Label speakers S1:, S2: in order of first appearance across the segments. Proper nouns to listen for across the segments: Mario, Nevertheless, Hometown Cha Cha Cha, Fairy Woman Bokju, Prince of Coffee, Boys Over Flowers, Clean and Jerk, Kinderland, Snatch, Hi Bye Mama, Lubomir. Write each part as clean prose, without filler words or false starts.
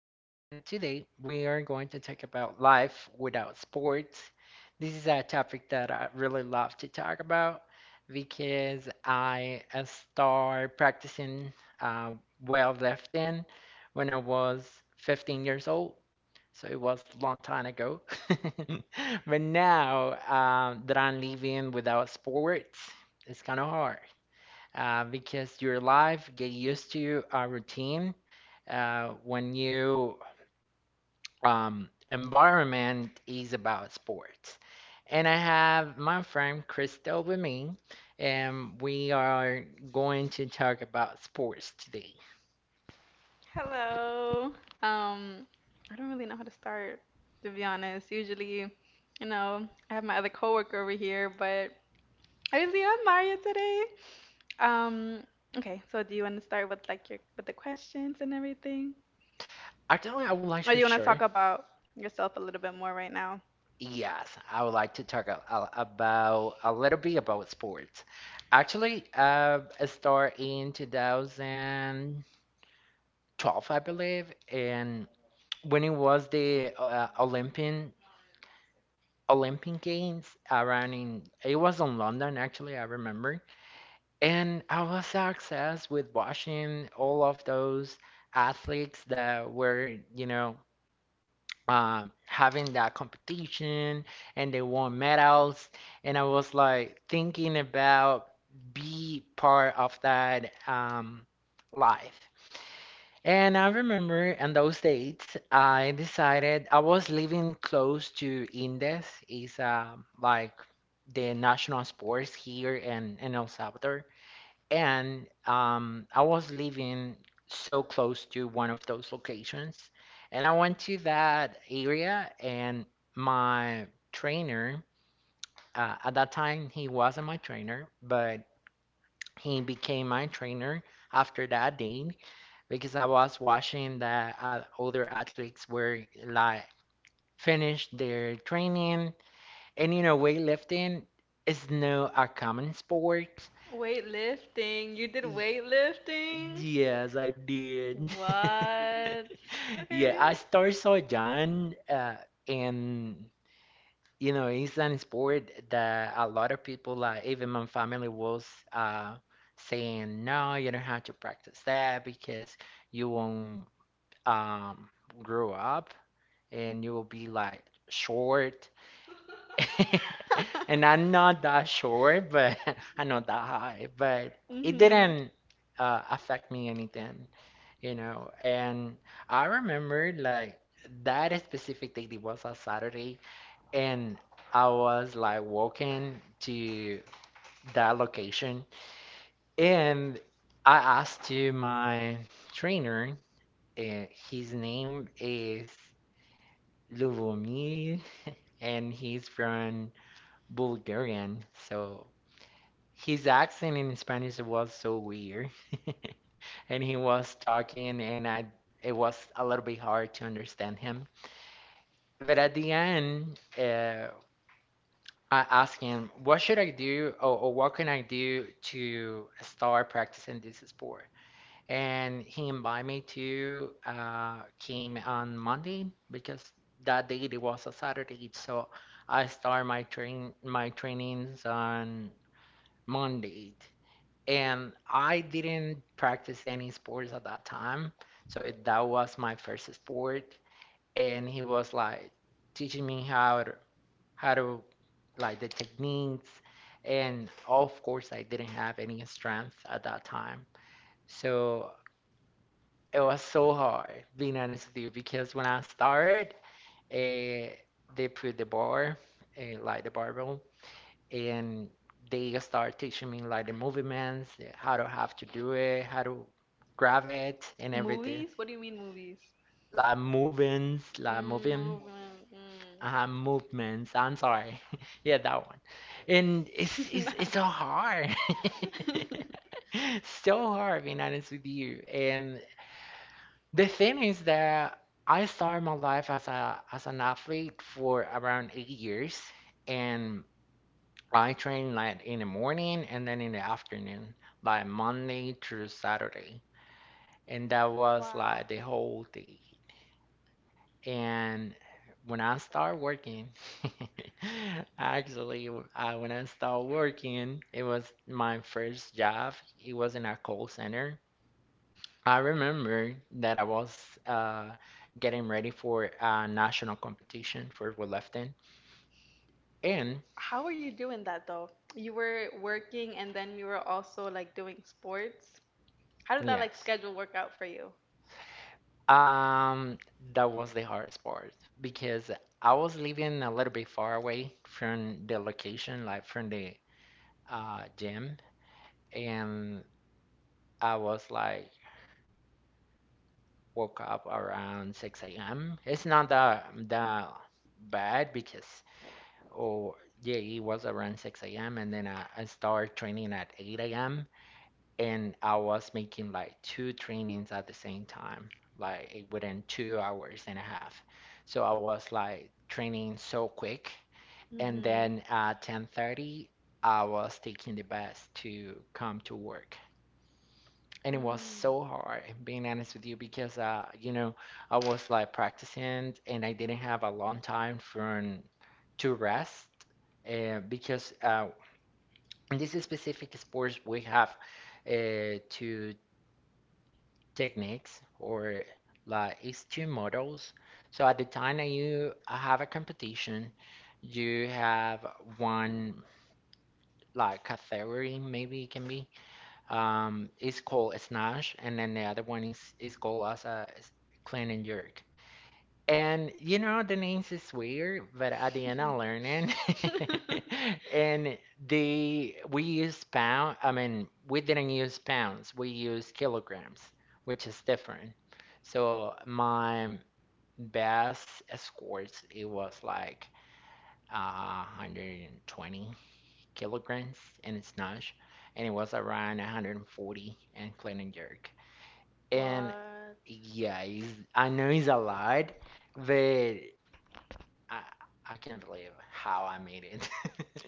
S1: and today we are going to talk about life without sports. This is a topic that I really love to talk about because I start practicing uh, weightlifting when I was 15 years old. So it was a long time ago. But now that I'm living without sports, it's kind of hard because your life get used to a routine when you environment is about sports. And I have my friend Crystal with me, and we are going to talk about sports today.
S2: Hello. Um, I don't really know how to start, to be honest. Usually, you know, I have my other coworker over here, but I just you Mario today. Um, okay, so do you want to start with like your with the questions and everything?
S1: Actually, I would like
S2: Or do
S1: to
S2: you want to talk
S1: share.
S2: about yourself a little bit more right now?
S1: Yes, I would like to talk about a little bit about sports. Actually, I start in 2012, I believe, and when it was the Olympian Olympic Games, around in it was in London, actually, I remember, and I was so obsessed with watching all of those athletes that were having that competition, and they won medals, and I was like thinking about be part of that life. And I remember in those dates, I decided I was living close to Indes, is like the national sports here in El Salvador. And I was living so close to one of those locations. And I went to that area, and my trainer, at that time, he wasn't my trainer, but he became my trainer after that day because I was watching that older athletes were like finished their training, and weightlifting is no a common sport.
S2: Weightlifting. You did
S1: Y-
S2: weightlifting?
S1: Yes, I did.
S2: What?
S1: Yeah,
S2: Okay.
S1: I started so young, and it's an sport that a lot of people, like even my family, was uh, saying, no, you don't have to practice that because you won't um, grow up and you will be like short. And I'm not that short, but I'm not that high. But it
S2: Mhm.
S1: didn't affect me anything. And I remember like that specific day, it was a Saturday, and I was like walking to that location, and I asked to my trainer, and his name is Lubomir, and he's from Bulgarian, so his accent in Spanish was so weird. And he was talking, and I it was a little bit hard to understand him. But at the end, I asked him, "What should I do, or what can I do to start practicing this sport?" And he invited me to came on Monday because that day it was a Saturday, so I start my trainings on Monday, and I didn't practice any sports at that time, so that was my first sport, and he was like teaching me how to like the techniques, and of course I didn't have any strength at that time. So it was so hard, being honest with you, because when I started, uh, they put the bar, like the barbell, and they start teaching me like the movements, how to have to do it, how to grab it, and everything.
S2: Movies? What do you mean movies?
S1: Like movements, like moving,
S2: Movement. Mm.
S1: movements. I'm sorry, yeah, that one. And it's so hard, so hard, being honest with you, and the thing is that I started my life as a as an athlete for around 8 years, and I train like in the morning and then in the afternoon, like Monday through Saturday, and that was
S2: Wow.
S1: like the whole day. And when I started working, actually, when I started working, it was my first job. It was in a call center. I remember that I was uh, getting ready for a national competition for weightlifting, and
S2: How are you doing that though? You were working and then you were also like doing sports. How did that like
S1: yes,
S2: schedule work out for you?
S1: um, that was the hardest part because I was living a little bit far away from the location, like from the gym, and I was like woke up around 6 a.m. It's not that bad because oh, yeah, it was around 6 a.m. And then I started training at 8 a.m. And I was making like two trainings at the same time, like within 2 hours and a half. So I was like training so quick. And
S2: Mhm.
S1: then at 10:30, I was taking the bus to come to work, and it was
S2: Mm.
S1: so hard, being honest with you, because I was like practicing, and I didn't have a long time for to rest because in this specific sports we have two techniques, or like it's two models. So at the time that you have a competition, you have one like category, maybe it can be it's called a Snatch, and then the other one is called as a Clean and Jerk. And you know the names is weird, but at the end I'm learning. And they we use pound. I mean, we didn't use pounds. We use kilograms, which is different. So my best scores it was like 120 kilograms in its snatch, and it was around 140 in clean and jerk. And
S2: What?
S1: yeah, I know it's a lot, but I, I can't believe how I made it.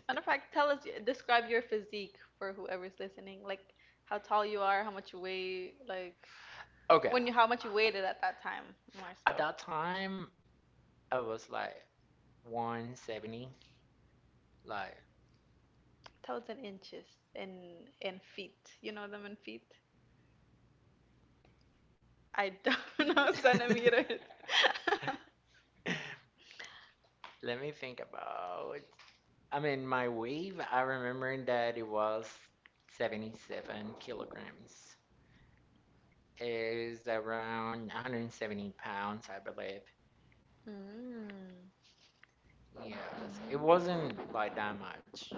S2: Matter of fact, tell us, describe your physique for whoever's listening. Like how tall you are, how much you weigh, like
S1: Okay,
S2: when you, how much you weighed it at that time, more so.
S1: at that time I was like 170, like.
S2: Tell us in inches, in in feet. You know them in feet? I don't know centimeters.
S1: Let me think about. I mean, my weight, I remember that it was 77 kilograms. Is around 170 pounds, I believe.
S2: Mm.
S1: Yes,
S2: It
S1: it
S2: even
S1: wasn't like that much.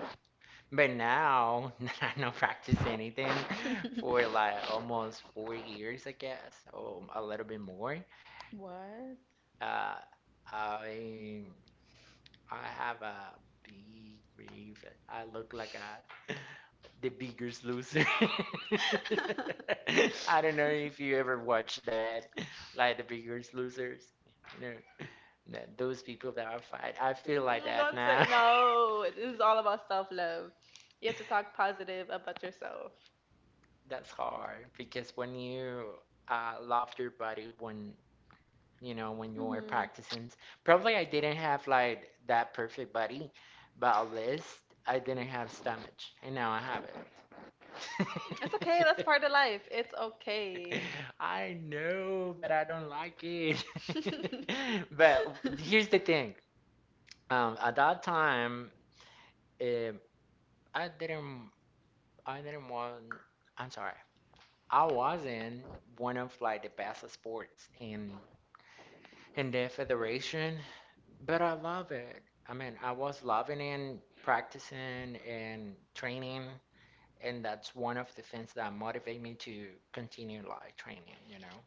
S1: But now that I don't practice anything
S2: that much. It
S1: for
S2: was
S1: like almost 4 years, I guess, or a little bit more,
S2: what?
S1: uh, I I have a big grief. I look like a The Biggest Loser. I don't know if you ever watched that, like The Biggest Losers. You know, that those people that are fight. I feel like that
S2: Now.
S1: now.
S2: No. This is all about self love. You have to talk positive about yourself.
S1: That's hard because when you love your body, when you know when you are
S2: Mhm.
S1: practicing, probably I didn't have like that perfect body, but at least I didn't have stomach, and now I have it. Hey,
S2: Part of life. It's okay.
S1: I know, but I don't like it. But here's the thing. At that time, um, I didn't, I didn't want. I'm sorry. I wasn't one of like the best at sports in the federation, but I love it. I mean, I was loving and practicing and training, and that's one of the things that motivate me to continue like training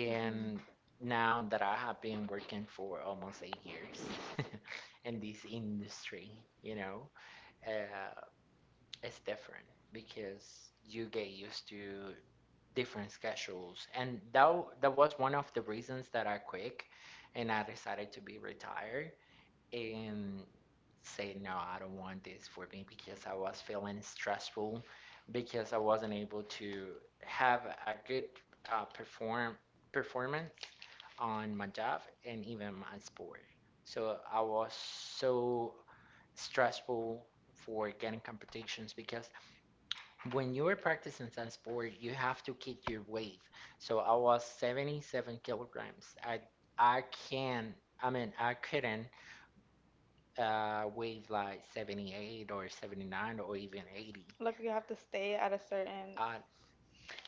S1: and now that I have been working for almost 8 years in this industry, uh, it's different because you get used to different schedules, and that was one of the reasons that I quit, and I decided to be retired and say no, I don't want this for me, because I was feeling stressful because I wasn't able to have a good uh, perform performance on my job and even my sport. So I was so stressful for getting competitions because when you are practicing some sport you have to keep your weight. So I was 77 kilograms. I i can I mean, I couldn't with like 78 or 79 or even 80.
S2: Look, you have to stay at a certain
S1: Uh,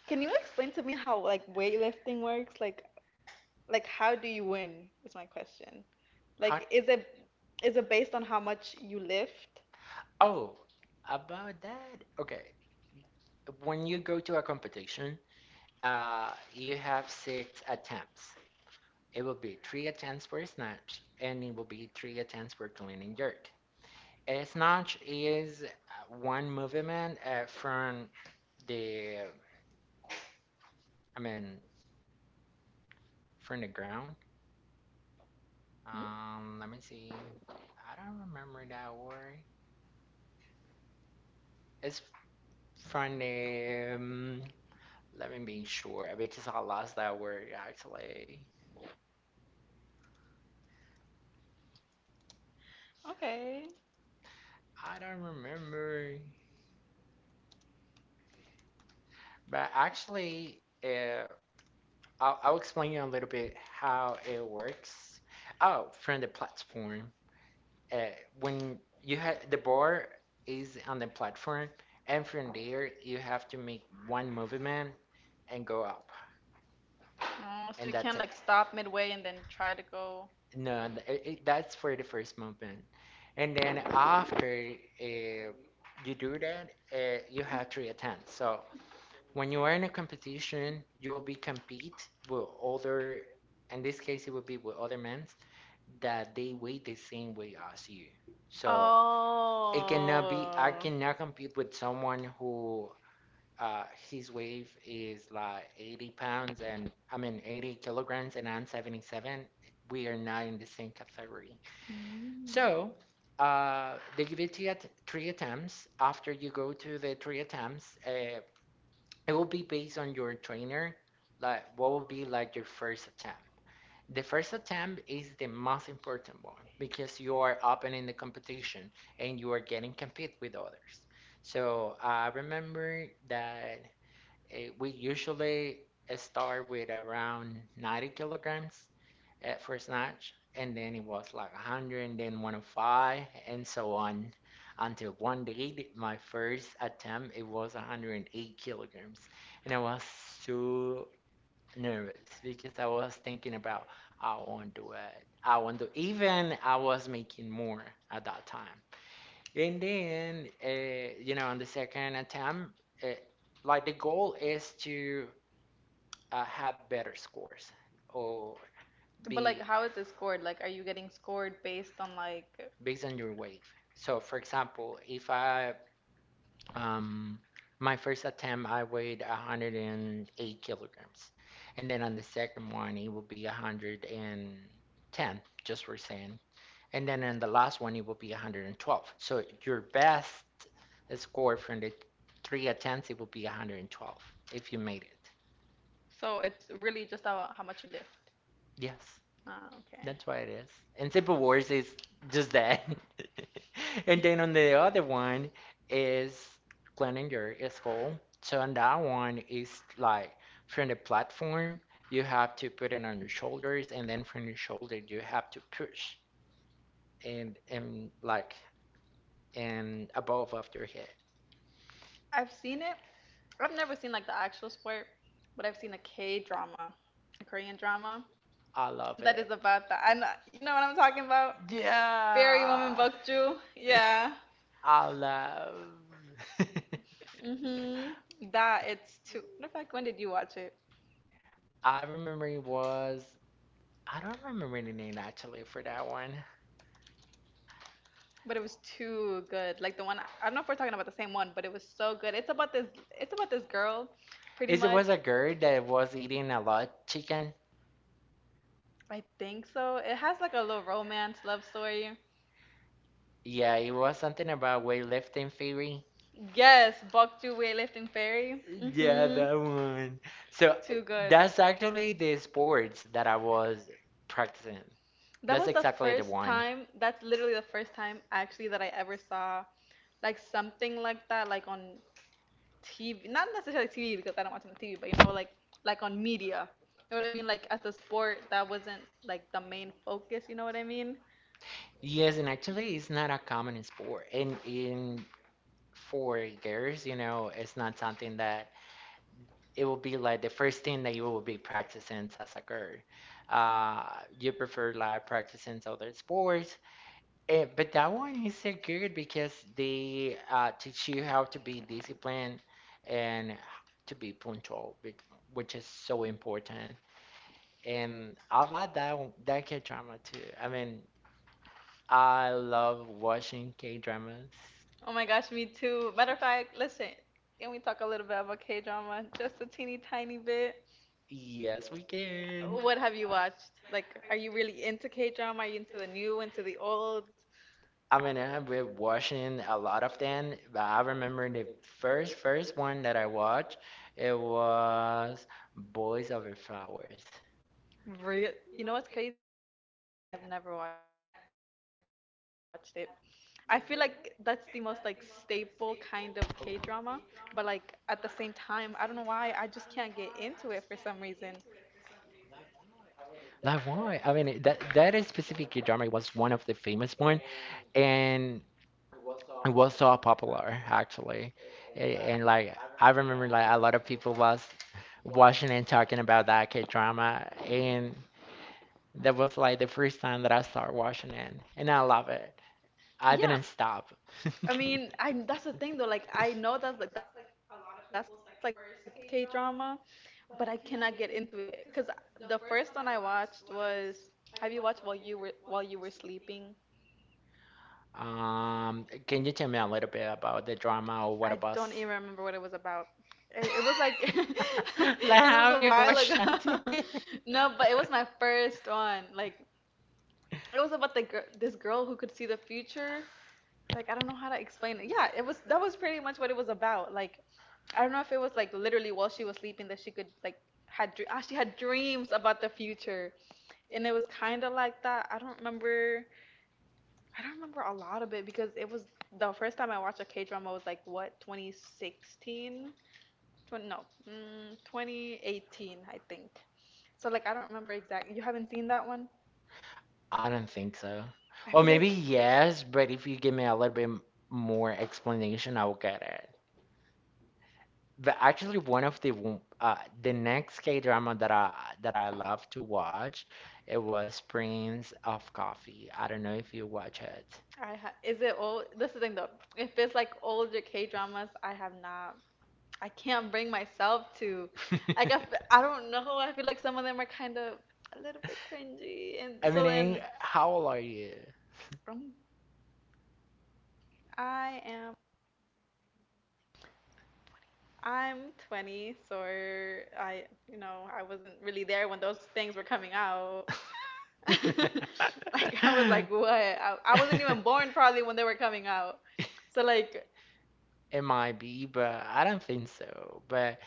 S2: can you explain to me how like weightlifting works? Like how do you win is my question.
S1: how,
S2: Like is it based on how much you lift?
S1: oh, about that. Okay. When you go to a competition, you have six attempts. It will be three attempts for snatch, and it will be three attempts for clean and jerk. A snatch is one movement from the, I mean, from the ground.
S2: Hmm?
S1: Let me see. I don't remember that word. It's From let me be sure because I lost that word, actually.
S2: Okay.
S1: I don't remember, but actually, I'll explain you a little bit how it works. Oh, from the platform, uh, when you have the bar is on the platform, and from there you have to make one movement and go up.
S2: Oh, so
S1: And
S2: you can
S1: that's it.
S2: like stop midway and then try to go.
S1: No, that's for the first movement. And then after uh, you do that, you have three attempts. So when you are in a competition, you will be compete with other, in this case, it will be with other men that they weigh the same way as you. So it cannot be, I
S2: Oh.
S1: cannot compete with someone who uh, his weight is like 80 pounds, and I mean 80 kilograms, and I'm 77. We are not in the same category.
S2: Mm.
S1: So they give it to you at three attempts. After you go to the three attempts, it will be based on your trainer, like what will be like your first attempt. The first attempt is the most important one because you are opening the competition and you are getting compete with others. So I remember that we usually start with around 90 kilograms at first snatch, and then it was like 100, and then 105, and so on. Until one day, my first attempt, it was 108 kilograms, and I was so nervous because I was thinking about I won't do it. I won't do. Even I was making more at that time, and then on the second attempt. Uh, like the goal is to have better scores or so
S2: But
S1: be
S2: like, how is it scored? Like, are you getting scored based on like?
S1: based on your weight. So, for example, if I um my first attempt I weighed 108 kilograms, and then on the second one it will be 110, just for saying, and then in the last one it will be 112. So your best score from the three attempts it will be 112 if you made it.
S2: So it's really just about how much you lift.
S1: Yes.
S2: Ah, okay.
S1: That's why it is. And Simple Wars is just that. And then on the other one is Glenn and Gear is full. So on that one is like from the platform you have to put it on your shoulders and then from your shoulder you have to push and like and above of your head.
S2: I've seen it, I've never seen like the actual sport, but I've seen a K drama, a Korean drama
S1: I love
S2: that
S1: it.
S2: is about that. I know, you know what I'm talking about? Fairy Woman
S1: Yeah.
S2: Bokju.
S1: Yeah.
S2: Yeah.
S1: I love
S2: Mhm. That it's too. Matter of fact, when did you watch it?
S1: I remember it was. I don't remember the name actually for that one.
S2: But it was too good. Like the one I don't know if we're talking about the same one, but it was so good. It's about this girl, pretty
S1: Is it
S2: much.
S1: was a girl that was eating a lot chicken?
S2: I think so. It has like a little romance love story,
S1: Yeah, it was something about weightlifting theory.
S2: yes, Buck Weightlifting Fairy.
S1: Yeah,
S2: Mm-hmm.
S1: that one. So
S2: Too good.
S1: that's actually the sports that I was practicing.
S2: That
S1: That's
S2: was the
S1: exactly the
S2: first
S1: one.
S2: time, that's literally the first time actually that I ever saw like something like that, like on TV, not necessarily TV because I don't watch it on TV, but you know, like on media. You know what I mean? Like as a sport, that wasn't like the main focus, you know what I mean?
S1: Yes, and actually, it's not a common sport, and in for girls, it's not something that it will be like the first thing that you will be practicing as a girl. Uh, you prefer like practicing other sports, but that one is so good because they teach you how to be disciplined and to be punctual, which is so important. And I like that K drama too. I mean, I love watching K dramas.
S2: Oh my gosh, me too. Matter of fact, listen, can we talk a little bit about K-drama? Just a teeny tiny bit.
S1: Yes, we can.
S2: What have you watched? Like, are you really into K drama? Are you into the new, into the old?
S1: I mean, I've been watching a lot of them, but I remember the first one that I watched. It was Boys Over Flowers.
S2: Real? You know what's crazy? I've never watched it.
S1: You
S2: I feel
S1: never?
S2: like that's the most like staple
S1: Oh.
S2: kind of K drama, but like at the same time, I don't know why I just can't get into it for some reason.
S1: Like why? I mean, that is specific drama. It was one of the famous one, and it was so popular actually. And like I remember, like a lot of people was watching and talking about that K drama, and that was like the first time that I started watching it, and I love it. I
S2: Yeah.
S1: didn't stop.
S2: I mean, I that's the thing though. Like, I know that's like a lot of people's like first K drama, but I cannot get into it because the first one I watched was have you watched while you were sleeping?
S1: Can you tell me a little bit about the drama or what
S2: I
S1: about?
S2: don't even remember what it was about. It was like because
S1: Like
S2: it
S1: how
S2: was a
S1: you
S2: while
S1: watched that?
S2: ago. No, but it was my first one. Like it was about the gir this girl who could see the future like I don't know how to explain it. Yeah, it was that was pretty much what it was about. Like I don't know if it was like literally while she was sleeping that she could had she had dreams about the future, and it was kind of like that. I don't remember a lot of it because it was the first time I watched a K drama was like what 2016, 20, no, 2018 I think. So like I don't remember exactly. You haven't seen that one?
S1: I don't think so.
S2: I
S1: Or
S2: feel like
S1: maybe yes, but if you give me a little bit more explanation, I will get it. But actually, one of the next K-drama that I love to watch, it was Prince of Coffee. I don't know if you watch it.
S2: is it old? This is the thing though. If it's like older K dramas, I have not. I can't bring myself to. Like I don't know. I feel like some of them are kind of a little bit cringy, and
S1: I
S2: so then
S1: mean, how old are you?
S2: um, I am. I'm 20, so I, you know, I wasn't really there when those things were coming out. Like I was like, what? I wasn't even born probably when they were coming out. So like,
S1: It might be, but I don't think so. But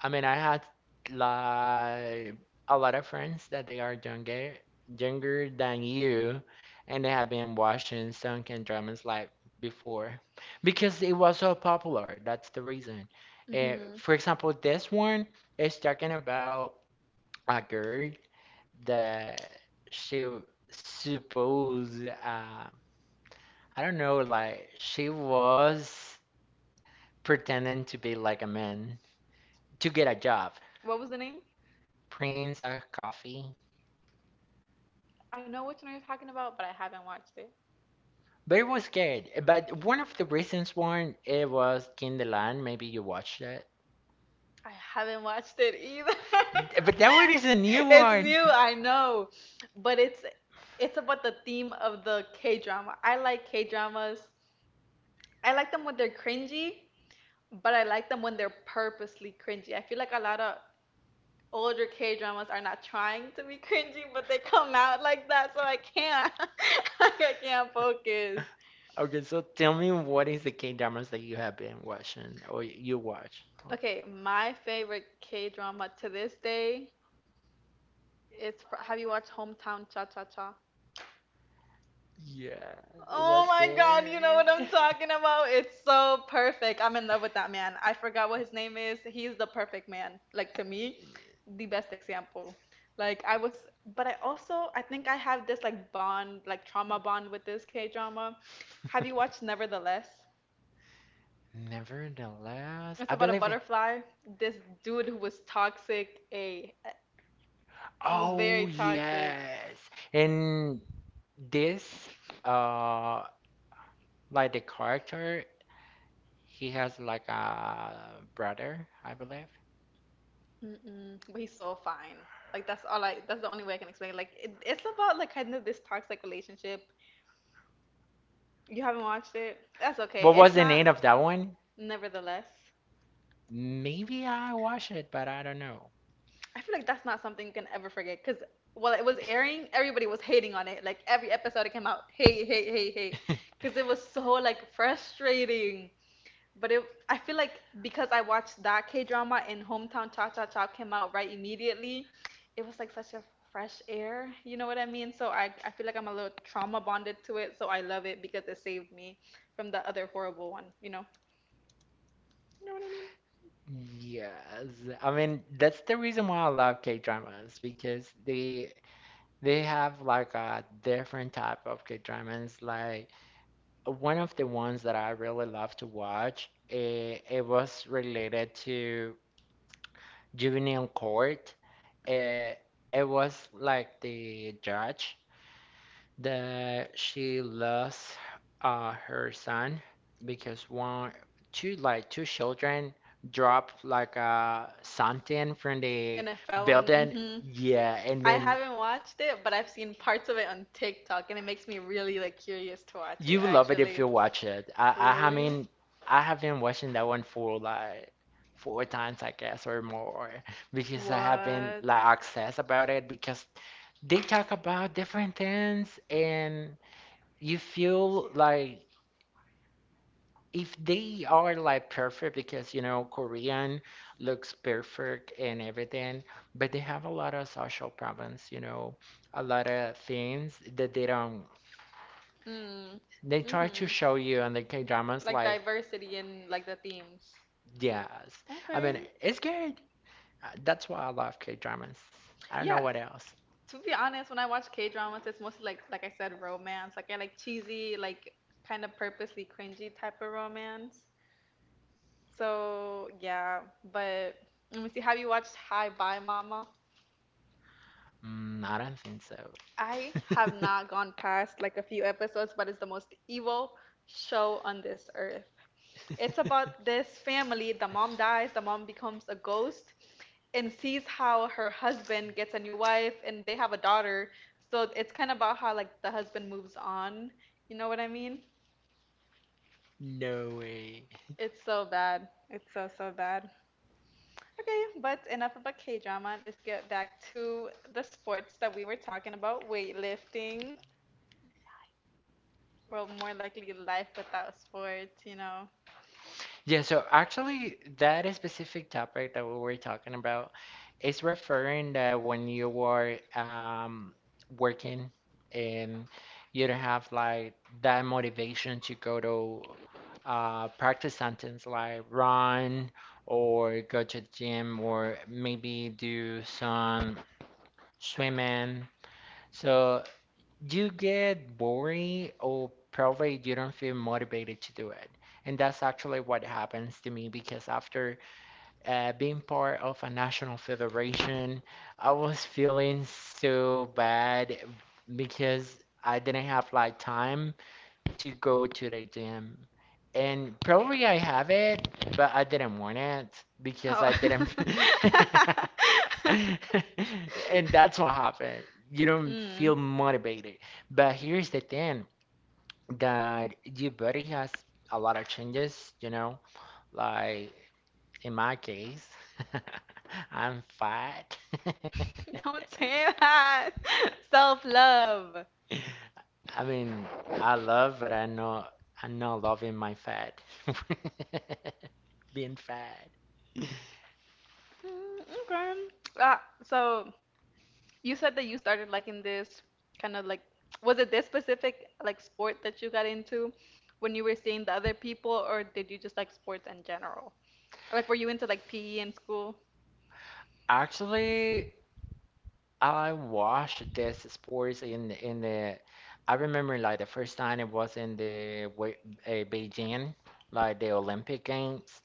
S1: I mean, I had like a lot of friends that they are younger, younger than you, and they have been watching some K dramas like before because it was so popular. That's the reason.
S2: mhm.
S1: For example, this one is talking about a girl that she supposed I don't know, like she was pretending to be like a man to get a job
S2: What was the name?
S1: brings a coffee.
S2: I know which one you're talking about, but I haven't watched it.
S1: But it was good. But one of the reasons why it was Kinderland, maybe you watched that.
S2: I haven't watched it either. But
S1: But that one is a new
S2: it's
S1: one.
S2: new, I know, but it's about the theme of the K drama. I like K dramas. I like them when they're cringy, but I like them when they're purposely cringy. I feel like a lot of older K dramas are not trying to be cringy, but they come out like that, so I can't. I can't focus.
S1: Okay, so tell me what is the K-dramas that you have been watching or you watch?
S2: Okay,
S1: Okay, my
S2: my favorite
S1: favorite
S2: K
S1: K drama
S2: drama
S1: to
S2: to this
S1: this
S2: day
S1: day.
S2: Have you watched Hometown Cha Cha Cha?
S1: Yeah, it was.
S2: Oh
S1: Oh my
S2: my
S1: good god,
S2: God, you
S1: you know
S2: know what
S1: what
S2: I'm
S1: I'm
S2: talking
S1: talking about?
S2: about?
S1: It's
S2: It's
S1: so
S2: so
S1: perfect.
S2: perfect. I'm
S1: I'm in
S2: in love
S1: love
S2: with
S1: with
S2: that
S1: that man.
S2: man.
S1: I
S2: I
S1: forgot
S2: forgot what
S1: what
S2: his
S1: his name
S2: name is.
S1: is. He's
S2: He's the
S1: the
S2: perfect
S1: perfect man,
S2: man.
S1: like
S2: Like to
S1: to
S2: me,
S1: me.
S2: the best example. Like I was, but I also I think I have this like bond, like trauma bond with this K-drama. Have
S1: Have
S2: you
S1: you
S2: watched
S1: watched
S2: Nevertheless?
S1: Nevertheless? Nevertheless,
S2: It's
S1: I
S2: about a
S1: believe it.
S2: butterfly. This dude who was toxic, a who was very
S1: Oh
S2: toxic.
S1: yes, and this uh like the character, he has like a brother, I believe.
S2: Mm-mm. But he's so fine. Like that's all I that's the only way I can explain it. Like it's about like kind of this toxic relationship. You haven't watched it? That's okay.
S1: What
S2: It's
S1: was the
S2: not
S1: name
S2: one?
S1: of that one?
S2: Nevertheless,
S1: Maybe I watched it, but I don't know.
S2: I feel like that's not something you can ever forget because while it was airing, everybody was hating on it. Like every episode it came out, hate, hate, hate, hate, because it was so like frustrating. But I feel like because I watched that K drama and Hometown Cha Cha Cha came out right immediately, it was like such a fresh air. You know what I mean? So I feel like I'm a little trauma bonded to it. So I love it because it saved me from the other horrible one. You know? You know what I mean?
S1: Yes, I mean that's the reason why I love K-dramas because they have like a different type of K-dramas. Like one of the ones that I really love to watch, it was related to juvenile court. It, it was like the judge that she lost her son because one two like two children dropped like something from the
S2: NFL.
S1: building.
S2: Mm-hmm.
S1: Yeah, and
S2: I
S1: then
S2: haven't watched it, but I've seen parts of it on TikTok, and it makes me really like curious to watch it
S1: you will love it if
S2: actually.
S1: you watch it. I
S2: Really?
S1: mean I have been watching that one for like four times I guess or more because I have been
S2: What?
S1: like obsessed about it because they talk about different things and you feel like if they are like perfect because you know Korean looks perfect and everything, but they have a lot of social problems, you know, a lot of things that they don't
S2: Mm.
S1: they try to show
S2: Hmm.
S1: you in the K dramas
S2: Like
S1: like
S2: diversity in like the themes.
S1: yes. I
S2: Okay.
S1: mean it's good. That's why I love K dramas. I don't know
S2: Yeah,
S1: what else.
S2: to be honest, when I watch K dramas, it's mostly like I said, romance. Like I like cheesy, like kind of purposely cringy type of romance. So yeah, but let me see. Have you watched Hi Bye Mama?
S1: I don't think so.
S2: I have not gone past like a few episodes, but it's the most evil show on this earth. It's about this family. The mom dies, the mom becomes a ghost and sees how her husband gets a new wife and they have a daughter. So it's kind of about how like the husband moves on. You know what I mean?
S1: No way.
S2: It's so bad. It's so so bad. Okay, but enough about K-drama. Let's get back to the sports that we were talking about, weightlifting. Well, more likely life without sports, you know.
S1: Yeah, so actually, that specific topic that we were talking about is referring that when you are working and you don't have like that motivation to go to practice something like run or go to the gym or maybe do some swimming. So you get boring or probably you don't feel motivated to do it. And that's actually what happens to me because after being part of a national federation, I was feeling so bad because I didn't have like time to go to the gym. And probably I have it, but I didn't want it because
S2: Oh.
S1: I didn't. And that's what happened. You don't
S2: Mm.
S1: feel motivated. But here's the thing that your body has a lot of changes, you know? Like in my case, I'm fat.
S2: Don't say that. Self-love.
S1: I mean, I love, but I know I'm not loving my fat. Being fat.
S2: Okay. So you said that you started liking this kind of was it this specific like sport that you got into when you were seeing the other people, or did you just like sports in general? Like, were you into like PE in school?
S1: Actually, I watched this sports in the. I remember like the first time it was in the Beijing, like the Olympic Games,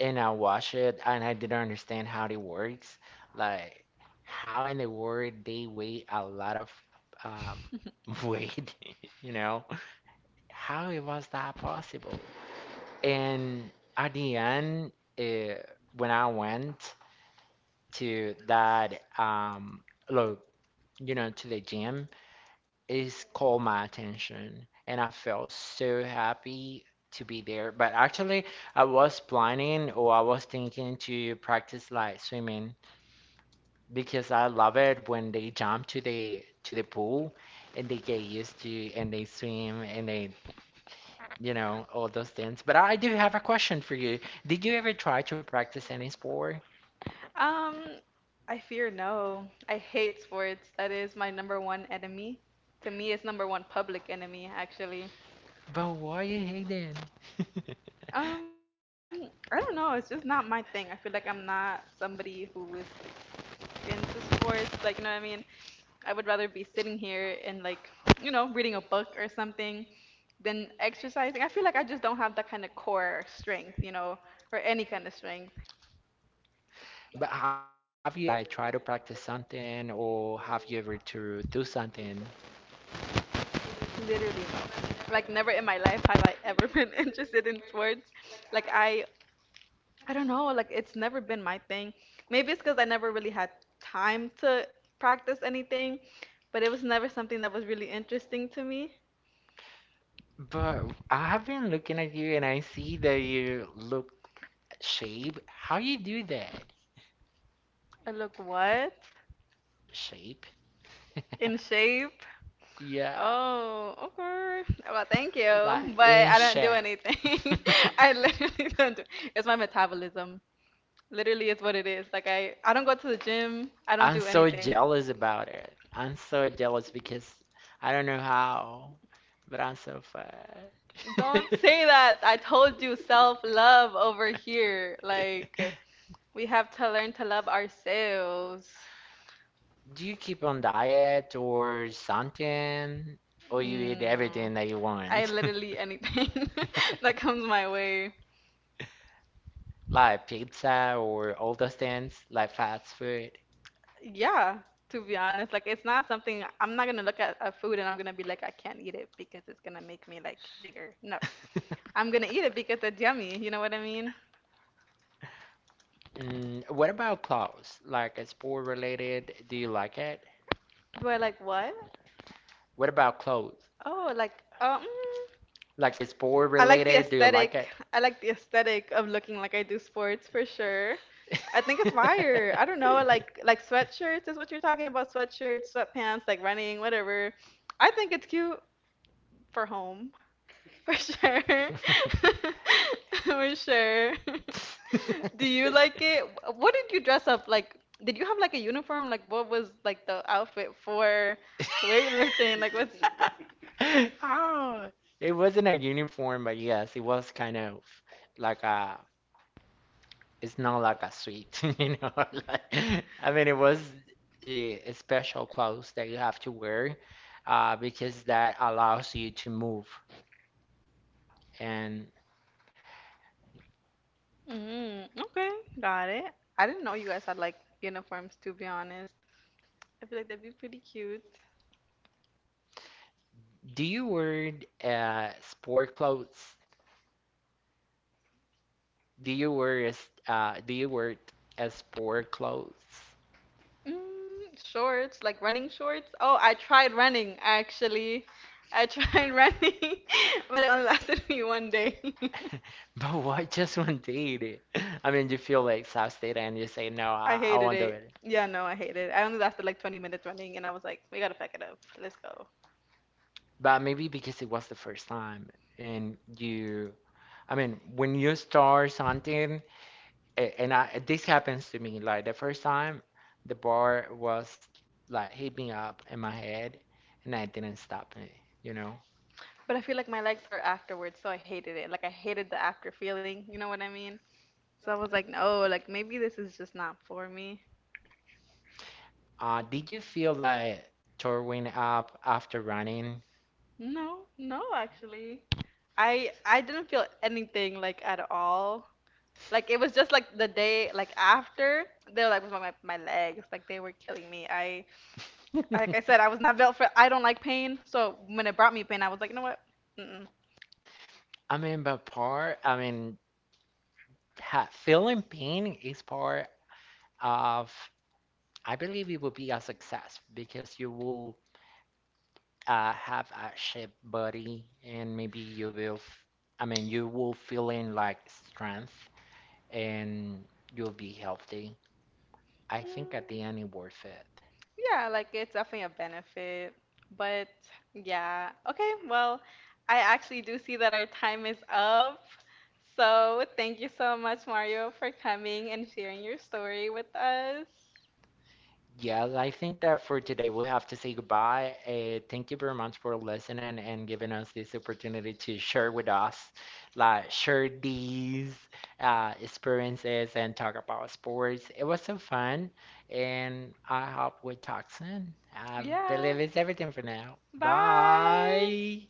S1: and I watched it and I didn't understand how it works. Like how in the world they weigh a lot of um, weight, you know? How it was that possible? And at the end, uh, when I went to that, look, to the gym, it's called my attention. And I felt so happy to be there. But actually, I was planning or I was thinking to practice like swimming because I love it when they jump to the pool and they get used to and they swim and they all those things. But I do have a question for you. Did you ever try to practice any sport?
S2: Um, I fear no. I hate sports. That is my number one enemy. To me, it's number one public enemy, actually.
S1: But why you hating?
S2: Um, I don't know. It's just not my thing. I feel like I'm not somebody who is into sports. Like, you know what I mean? I would rather be sitting here and, like, you know, reading a book or something than exercising. I feel like I just don't have that kind of core strength, you know, or any kind of strength.
S1: But have you ever like tried to practice something or have you ever to do something?
S2: Literally no. Like never in my life have I ever been interested in sports. Like I don't know, like it's never been my thing. Maybe it's because I never really had time to practice anything, but it was never something that was really interesting to me.
S1: But I have been looking at you and I see that you look shape. How you do that?
S2: I look what?
S1: Shape?
S2: In shape?
S1: Yeah,
S2: Oh, okay. Well, thank
S1: like
S2: you, but
S1: in
S2: I don't do
S1: shape.
S2: anything. I literally don't do. It's my metabolism. Literally, it's what it is. Like I don't go to the gym. I don't
S1: I'm
S2: do
S1: so
S2: anything.
S1: jealous about it. I'm so jealous because I don't know how, but I'm so fat.
S2: Don't say that. I told you self love over here. Like, we have to learn to love ourselves.
S1: Do you keep on diet or something? Or you eat
S2: No.
S1: everything that you
S2: I
S1: want?
S2: literally anything that comes my way.
S1: Like pizza or all those things, like fast food?
S2: Yeah, to be honest, like it's not something I'm not gonna look at a food and I'm gonna be like, I can't eat it because it's gonna make me like bigger. No, I'm gonna eat it because it's yummy. You know what I mean?
S1: What about clothes? Like sport related, do you like it?
S2: Do I like what?
S1: What about clothes?
S2: Oh,
S1: Like sport
S2: I like the
S1: related, do you like
S2: aesthetic.
S1: it?
S2: I like the aesthetic of looking like I do sports for sure. I think it's fire. I don't know, like sweatshirts is what you're talking about. Sweatshirts, sweatpants, like running, whatever. I think it's cute for home for sure. For sure. Do you like it? What did you dress up like? Did you have like a uniform? Like what was like the outfit for weightlifting? Like what's
S1: Oh, it wasn't a uniform, but yes, it was kind of like it's not like a suit, like, I mean, it was a special clothes that you have to wear, because that allows you to move. And
S2: Okay, got it. I didn't know you guys had like uniforms, to be honest. I feel like that'd be pretty cute.
S1: do you wear sport clothes? Do you wear as do you wear as sport clothes?
S2: Mm, shorts, like running shorts. Oh, I tried running actually. I tried running, but it only lasted me one day.
S1: But why just one day? I mean, you feel like exhausted and you say, no,
S2: I
S1: I
S2: hated
S1: won't do
S2: it.
S1: it.
S2: Yeah, no, I hated it. I only lasted like 20 minutes running, and I was like, we gotta pack it up. Let's go.
S1: But maybe because it was the first time and you, I mean, when you start something, and this happens to me, like the first time, the bar was like hit up in my head and I didn't stop it, you know?
S2: But I feel like my legs hurt afterwards, so I hated it. Like, I hated the after feeling. You know what I mean? So I was like, no, like maybe this is just not for me.
S1: Did you feel like throwing up after running?
S2: No, no, actually. I didn't feel anything like at all. Like it was just like the day like after they're like was my legs like they were killing me. I like I said I was not built for I don't like pain. So when it brought me pain, I was like, you know what? Mm-mm.
S1: I mean, I mean, ha feeling pain is part of, I believe it would be a success because you will have a shape body and maybe you will, f I mean, you will feeling like strength and you'll be healthy. I think at the end it worth it.
S2: Yeah, like it's definitely a benefit. But yeah, okay, well, I actually do see that our time is up. So thank you so much, Mario, for coming and sharing your story with us.
S1: Yeah, I think that for today we have to say goodbye. Thank you very much for listening and giving us this opportunity to share with us, like share these experiences and talk about sports. It was so fun, and I hope we talk soon. I
S2: Yeah,
S1: believe it's everything for now.
S2: bye.
S1: Bye.